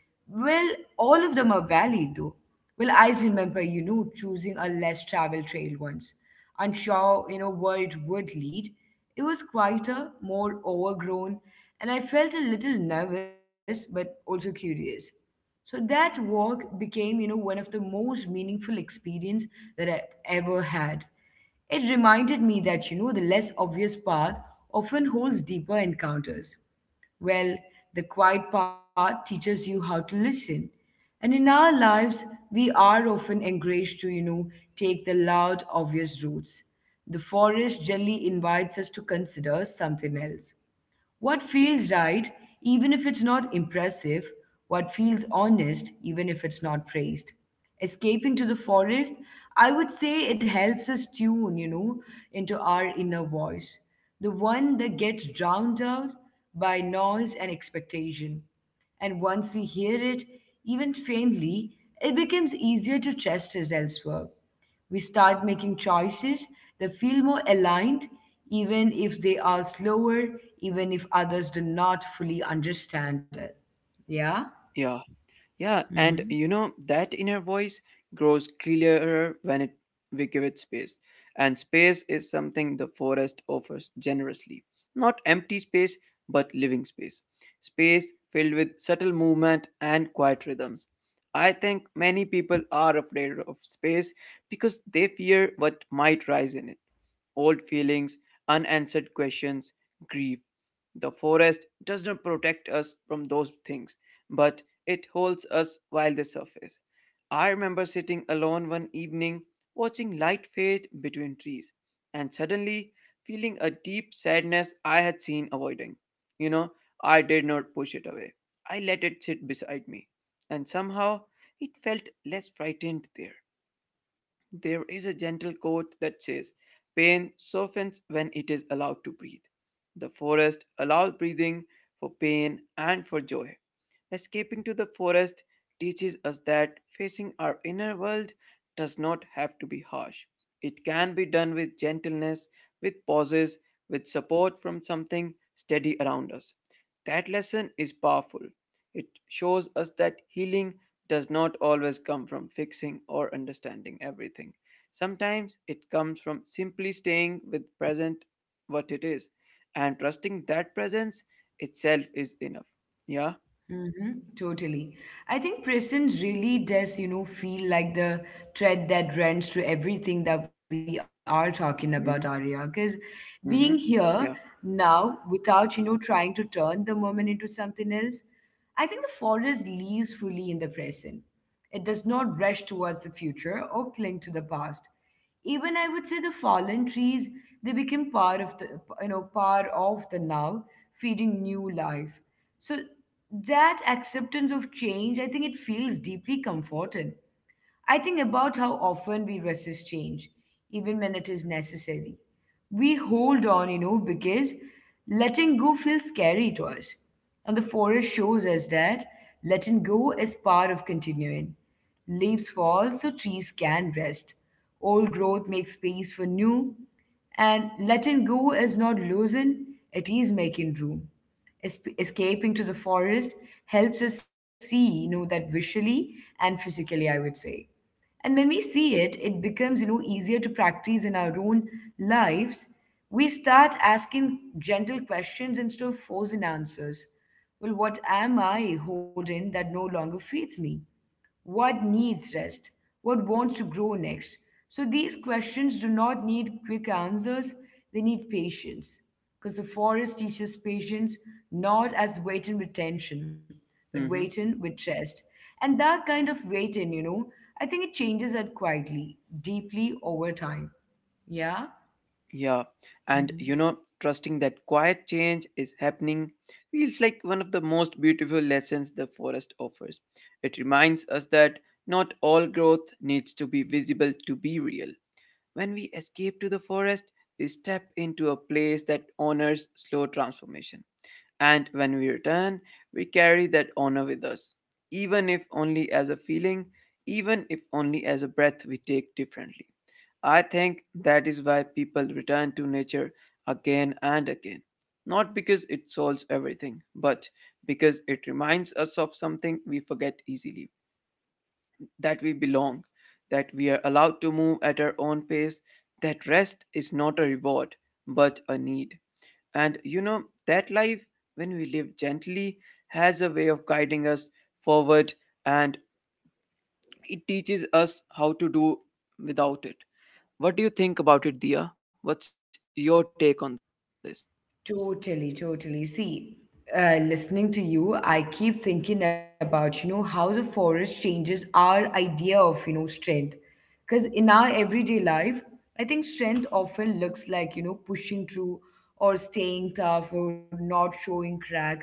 Well, all of them are valid, though. Well, I remember, choosing a less traveled trail once, unsure, where it would lead. It was quieter, more overgrown, and I felt a little nervous but also curious. So that walk became, one of the most meaningful experience that I ever had. It reminded me that, the less obvious path often holds deeper encounters. Well, the quiet part teaches you how to listen. And in our lives, we are often encouraged to, take the loud, obvious routes. The forest generally invites us to consider something else. What feels right, even if it's not impressive, what feels honest, even if it's not praised. Escaping to the forest, I would say, it helps us tune, into our inner voice, the one that gets drowned out by noise and expectation. And once we hear it, even faintly, it becomes easier to trust us elsewhere. We start making choices that feel more aligned, even if they are slower, even if others do not fully understand it. Yeah? yeah. Yeah, and Hmm. you know, that inner voice grows clearer when it we give it space. And space is something the forest offers generously. Not empty space, but living space. Space filled with subtle movement and quiet rhythms. I think many people are afraid of space because they fear what might rise in it. Old feelings, unanswered questions, grief. The forest does not protect us from those things, but it holds us while they surface. I remember sitting alone one evening, watching light fade between trees, and suddenly feeling a deep sadness I had seen avoiding. You know, I did not push it away. I let it sit beside me, and somehow it felt less frightened there. There is a gentle quote that says, "Pain softens when it is allowed to breathe." The forest allows breathing for pain and for joy. Escaping to the forest teaches us that facing our inner world does not have to be harsh. It can be done with gentleness, with pauses, with support from something steady around us. That lesson is powerful. It shows us that healing does not always come from fixing or understanding everything. Sometimes it comes from simply staying with present what it is and trusting that presence itself is enough. Yeah. Mm-hmm, totally. I think presence really does, feel like the thread that runs through everything that we are talking about, Arya. Mm-hmm. Because being Mm-hmm. here Yeah. now without, trying to turn the moment into something else, I think the forest lives fully in the present. It does not rush towards the future or cling to the past. Even I would say the fallen trees, they became part of the, part of the now, feeding new life. So that acceptance of change, I think it feels deeply comforting. I think about how often we resist change, even when it is necessary. We hold on, because letting go feels scary to us. And the forest shows us that letting go is part of continuing. Leaves fall so trees can rest. Old growth makes space for new. And letting go is not losing, it is making room. Escaping to the forest helps us see, that visually and physically, I would say. And when we see it, it becomes, easier to practice in our own lives. We start asking gentle questions instead of forcing answers. Well, what am I holding that no longer feeds me? What needs rest? What wants to grow next? So these questions do not need quick answers, they need patience. Because the forest teaches patience not as waiting with tension, but Mm-hmm. waiting with rest. And that kind of waiting, I think it changes that quietly, deeply over time. Yeah? Yeah. And you know, trusting that quiet change is happening feels like one of the most beautiful lessons the forest offers. It reminds us that not all growth needs to be visible to be real. When we escape to the forest, we step into a place that honors slow transformation. And when we return, we carry that honor with us, even if only as a feeling, even if only as a breath we take differently. I think that is why people return to nature again and again. Not because it solves everything, but because it reminds us of something we forget easily that we belong, that we are allowed to move at our own pace, that rest is not a reward but a need. And you know, that life, when we live gently, has a way of guiding us forward and it teaches us how to do without it. What do you think about it, Dia? What's your take on this? Totally, totally. See, listening to you, I keep thinking about, how the forest changes our idea of, strength. Because in our everyday life, I think strength often looks like, pushing through or staying tough or not showing crack.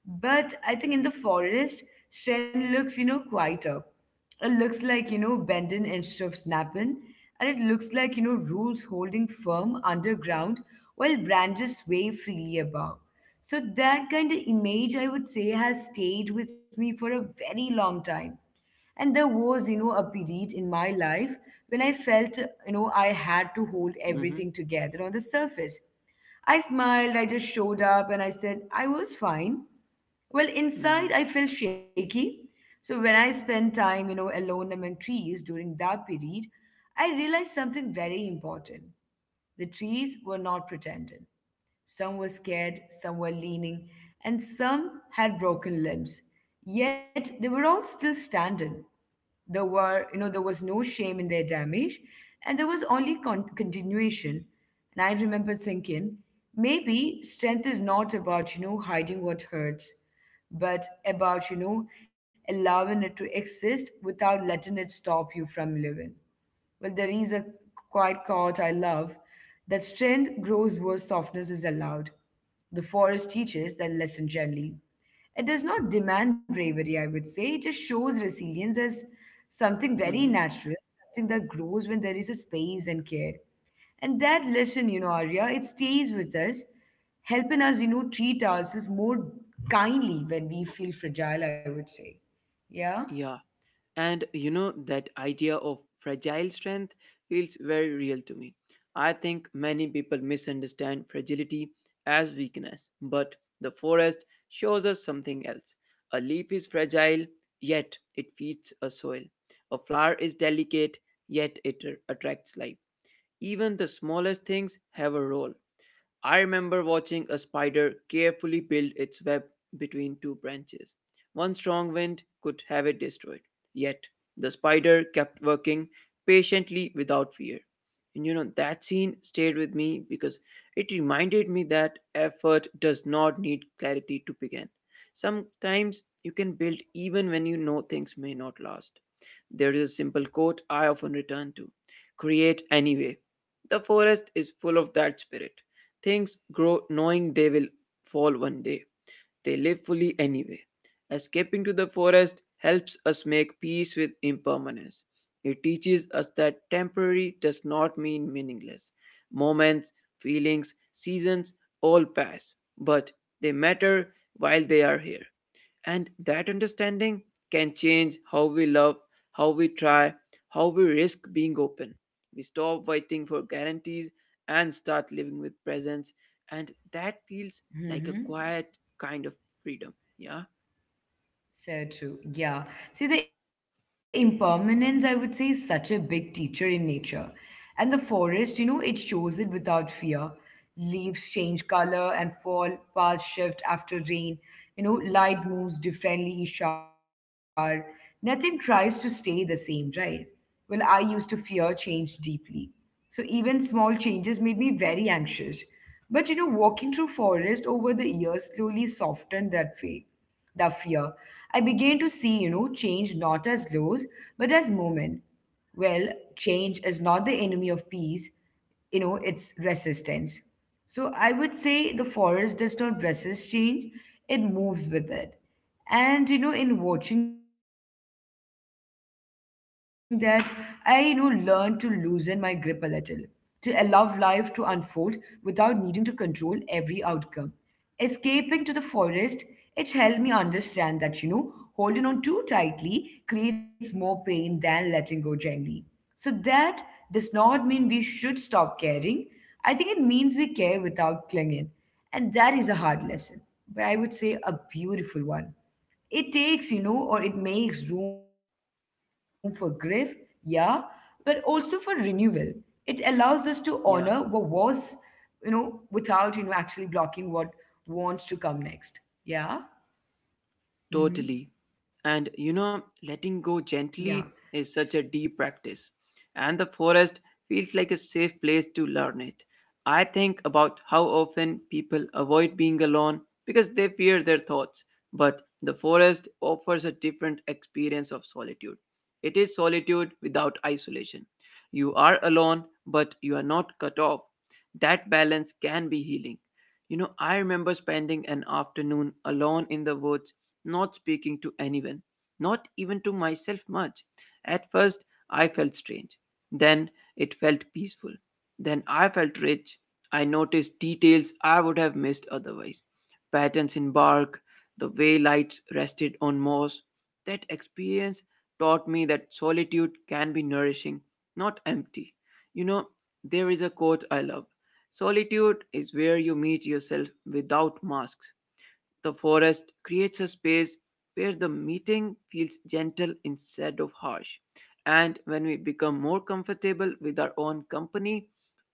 But I think in the forest, strength looks, quieter. It looks like, bending instead of snapping. And it looks like, roots holding firm underground while branches wave freely above. So that kind of image, I would say, has stayed with me for a very long time. And there was, a period in my life when I felt, I had to hold Mm-hmm. everything together on the surface. I smiled, I just showed up, and I said I was fine. Well, Mm-hmm. inside I felt shaky. So when I spent time, alone among trees during that period, I realized something very important. The trees were not pretending. Some were scared, some were leaning, and some had broken limbs. Yet they were all still standing. There were, you know, there was no shame in their damage, and there was only continuation. And I remember thinking, maybe strength is not about, hiding what hurts, but about, allowing it to exist without letting it stop you from living. Well, there is a quiet quote I love, that strength grows where softness is allowed. The forest teaches that lesson gently. It does not demand bravery, I would say. It just shows resilience as something very Mm-hmm. natural, something that grows when there is a space and care. And that lesson, Arya, it stays with us, helping us, treat ourselves more kindly when we feel fragile, I would say. Yeah? Yeah. And you know, that idea of fragile strength feels very real to me. I think many people misunderstand fragility as weakness, but the forest shows us something else. A leaf is fragile, yet it feeds a soil. A flower is delicate, yet it attracts life. Even the smallest things have a role. I remember watching a spider carefully build its web between two branches. One strong wind could have it destroyed. Yet, the spider kept working patiently without fear. And you know, that scene stayed with me because it reminded me that effort does not need clarity to begin. Sometimes you can build even when you know things may not last. There is a simple quote I often return to, "Create anyway." The forest is full of that spirit. Things grow knowing they will fall one day. They live fully anyway. Escaping to the forest helps us make peace with impermanence. It teaches us that temporary does not mean meaningless. Moments, feelings, seasons all pass, but they matter while they are here. And that understanding can change how we love, how we try, how we risk being open. We stop waiting for guarantees and start living with presence. And that feels like a quiet Mm-hmm. kind of freedom. Yeah, So true. Yeah. See, the impermanence, I would say, is such a big teacher in nature. And the forest, it shows it without fear. Leaves change color and fall, paths shift after rain. Light moves differently each hour. Nothing tries to stay the same, right? Well, I used to fear change deeply. So even small changes made me very anxious. But, walking through forest over the years slowly softened that fear the fear. I began to see, change not as laws, but as moment. Well, change is not the enemy of peace, it's resistance. So I would say the forest does not resist change, it moves with it. And, in watching that, I learned to loosen my grip a little, to allow life to unfold without needing to control every outcome. Escaping to the forest, it helped me understand that, holding on too tightly creates more pain than letting go gently. So that does not mean we should stop caring. I think it means we care without clinging. And that is a hard lesson, but I would say a beautiful one. It takes, or it makes room for grief, yeah, but also for renewal. It allows us to yeah. honor what was, without, actually blocking what wants to come next. Yeah. Totally. Mm-hmm. And you know, letting go Yeah. gently is such a deep practice. And the forest feels like a safe place to learn it. I think about how often people avoid being alone because they fear their thoughts. But the forest offers a different experience of solitude. It is solitude without isolation. You are alone, but you are not cut off. That balance can be healing. You know, I remember spending an afternoon alone in the woods not speaking to anyone, not even to myself much. At first, I felt strange. Then it felt peaceful. Then I felt rich. I noticed details I would have missed otherwise patterns in bark, the way lights rested on moss. That experience taught me that solitude can be nourishing, not empty. You know, there is a quote I love, "Solitude is where you meet yourself without masks." The forest creates a space where the meeting feels gentle instead of harsh. And when we become more comfortable with our own company,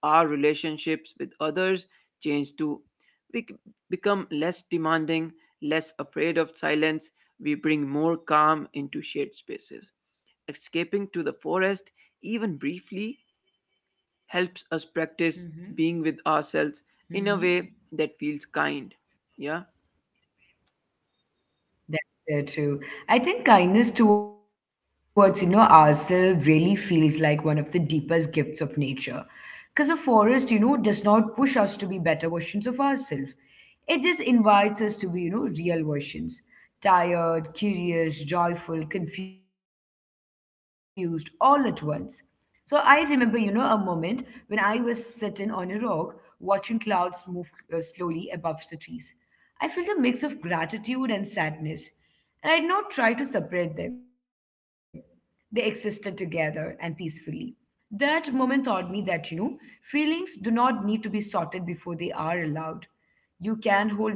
our relationships with others change too. We become less demanding, less afraid of silence. We bring more calm into shared spaces. Escaping to the forest, even briefly, helps us practice being with Mm-hmm. ourselves in a way Mm-hmm. that feels kind. Yeah? That's so true. I think kindness towards, ourselves really feels like one of the deepest gifts of nature. Because a forest, does not push us to be better versions of ourselves. It just invites us to be, real versions. Tired, curious, joyful, confused, all at once. So I remember, a moment when I was sitting on a rock watching clouds move slowly above the trees. I felt a mix of gratitude and sadness, and I did not try to separate them. They existed together and peacefully. That moment taught me that, feelings do not need to be sorted before they are allowed.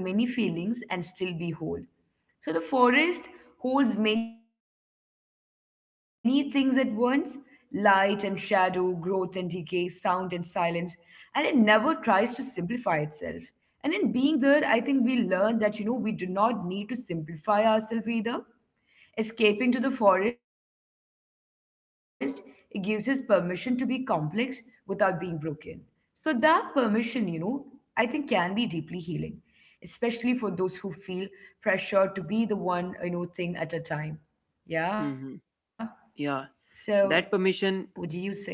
You can hold many feelings and still be whole. So the forest holds many things at once, light and shadow, growth and decay, sound and silence, and it never tries to simplify itself. And in being there, I think we learn that, we do not need to simplify ourselves either. Escaping to the forest, it gives us permission to be complex without being broken. So that permission, I think can be deeply healing, especially for those who feel pressure to be the one, thing at a time. Mhm. Yeah. Yeah, So that permission what do you think?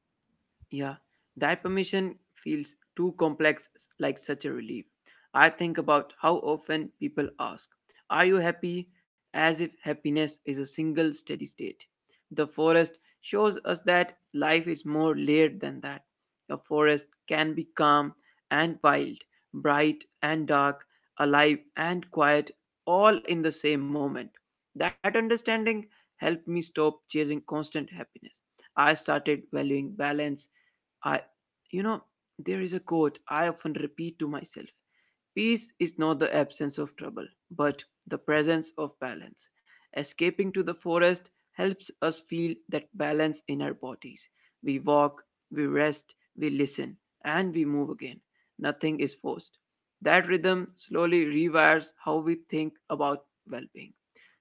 Mm-hmm. yeah, that permission feels too complex, like such a relief. I think about how often people ask, "Are you happy?" as if happiness is a single steady state. The forest shows us that life is more layered than that. A forest can be calm and wild, bright and dark, alive and quiet, all in the same moment. That understanding helped me stop chasing constant happiness. I started valuing balance I, you know, there is a quote I often repeat to myself, "Peace is not the absence of trouble, but the presence of balance." Escaping to the forest helps us feel that balance in our bodies. We walk, we rest, we listen, and we move again. Nothing is forced. That rhythm slowly rewires how we think about well being.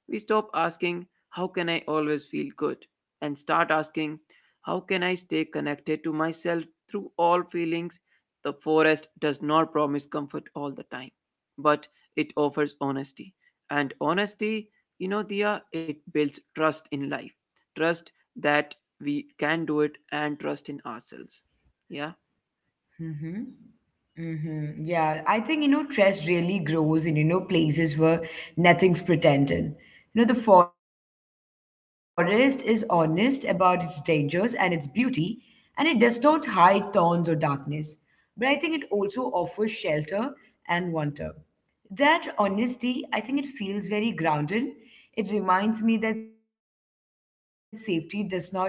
We stop asking, "How can I always feel good?" and start asking, "How can I stay connected to myself through all feelings?" The forest does not promise comfort all the time, but it offers honesty. And honesty, you know, Dia, it builds trust in life. Trust that we can do it and trust in ourselves. Yeah. Mm-hmm. Mm-hmm. Yeah, I think, trust really grows in, places where nothing's pretended. You know, the forest is honest about its dangers and its beauty, and it does not hide thorns or darkness. But I think it also offers shelter and wonder. That honesty, I think it feels very grounded. It reminds me that safety does not mean absence of risk.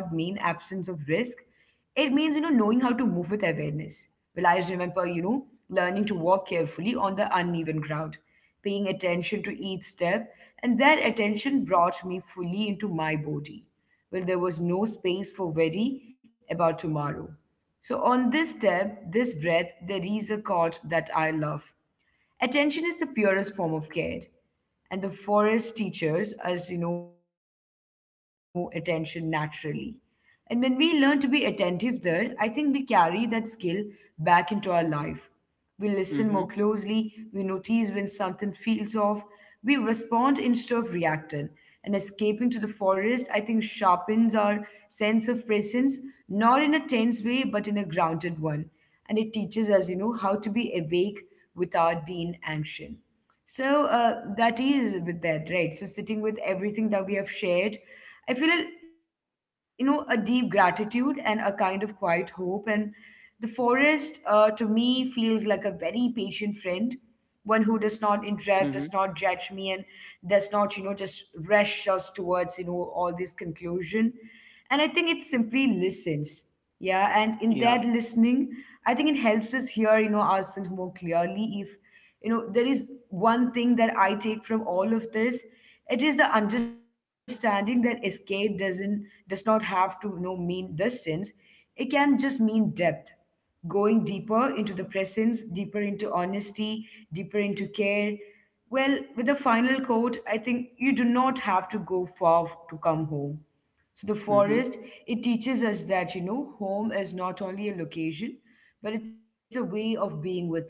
It means, knowing how to move with awareness. Well, I remember, learning to walk carefully on the uneven ground, paying attention to each step, and that attention brought me fully into my body. Well, there was no space for worry about tomorrow. So, on this step, this breath, there is a chord that I love. Attention is the purest form of care, and the forest teaches us, attention naturally. And when we learn to be attentive there, I think we carry that skill back into our life. We listen more Mm-hmm. closely, we notice when something feels off, we respond instead of reacted. And escaping to the forest, I think, sharpens our sense of presence, not in a tense way, but in a grounded one. And it teaches us, how to be awake without being anxious. So that is with that, right? So sitting with everything that we have shared, I feel a deep gratitude and a kind of quiet hope. And the forest, to me, feels like a very patient friend, one who does not Mm-hmm. interrupt, does not judge me, and does not just rush us towards all this conclusion. And I think it simply listens. Yeah. Yeah. And in that listening, I think it helps us hear, ourselves more clearly. If, there is one thing that I take from all of this, it is the understanding that escape does not have to mean distance. It can just mean depth, going deeper into the presence, deeper into honesty, deeper into care. Well, with the final quote, I think you do not have to go far to come home. So the Mm-hmm. forest, it teaches us that, home is not only a location, but it's a way of being with life,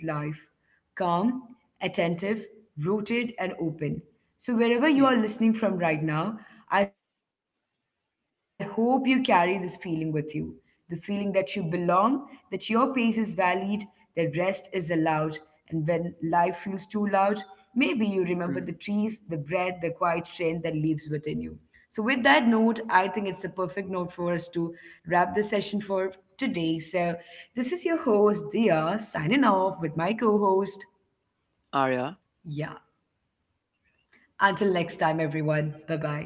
calm, attentive, rooted, and open. So wherever you are Yeah. listening from right now, I hope you carry this feeling with you, the feeling that you belong, that your pace is valued, that rest is allowed. And when life feels too loud, maybe you remember the trees, the breath, the Mm. quiet strength that lives within you. So, with that note, I think it's a perfect note for us to wrap the session for today. So, this is your host, Dia, signing off with my co host. Arya. Yeah. Until next time, everyone. Bye bye.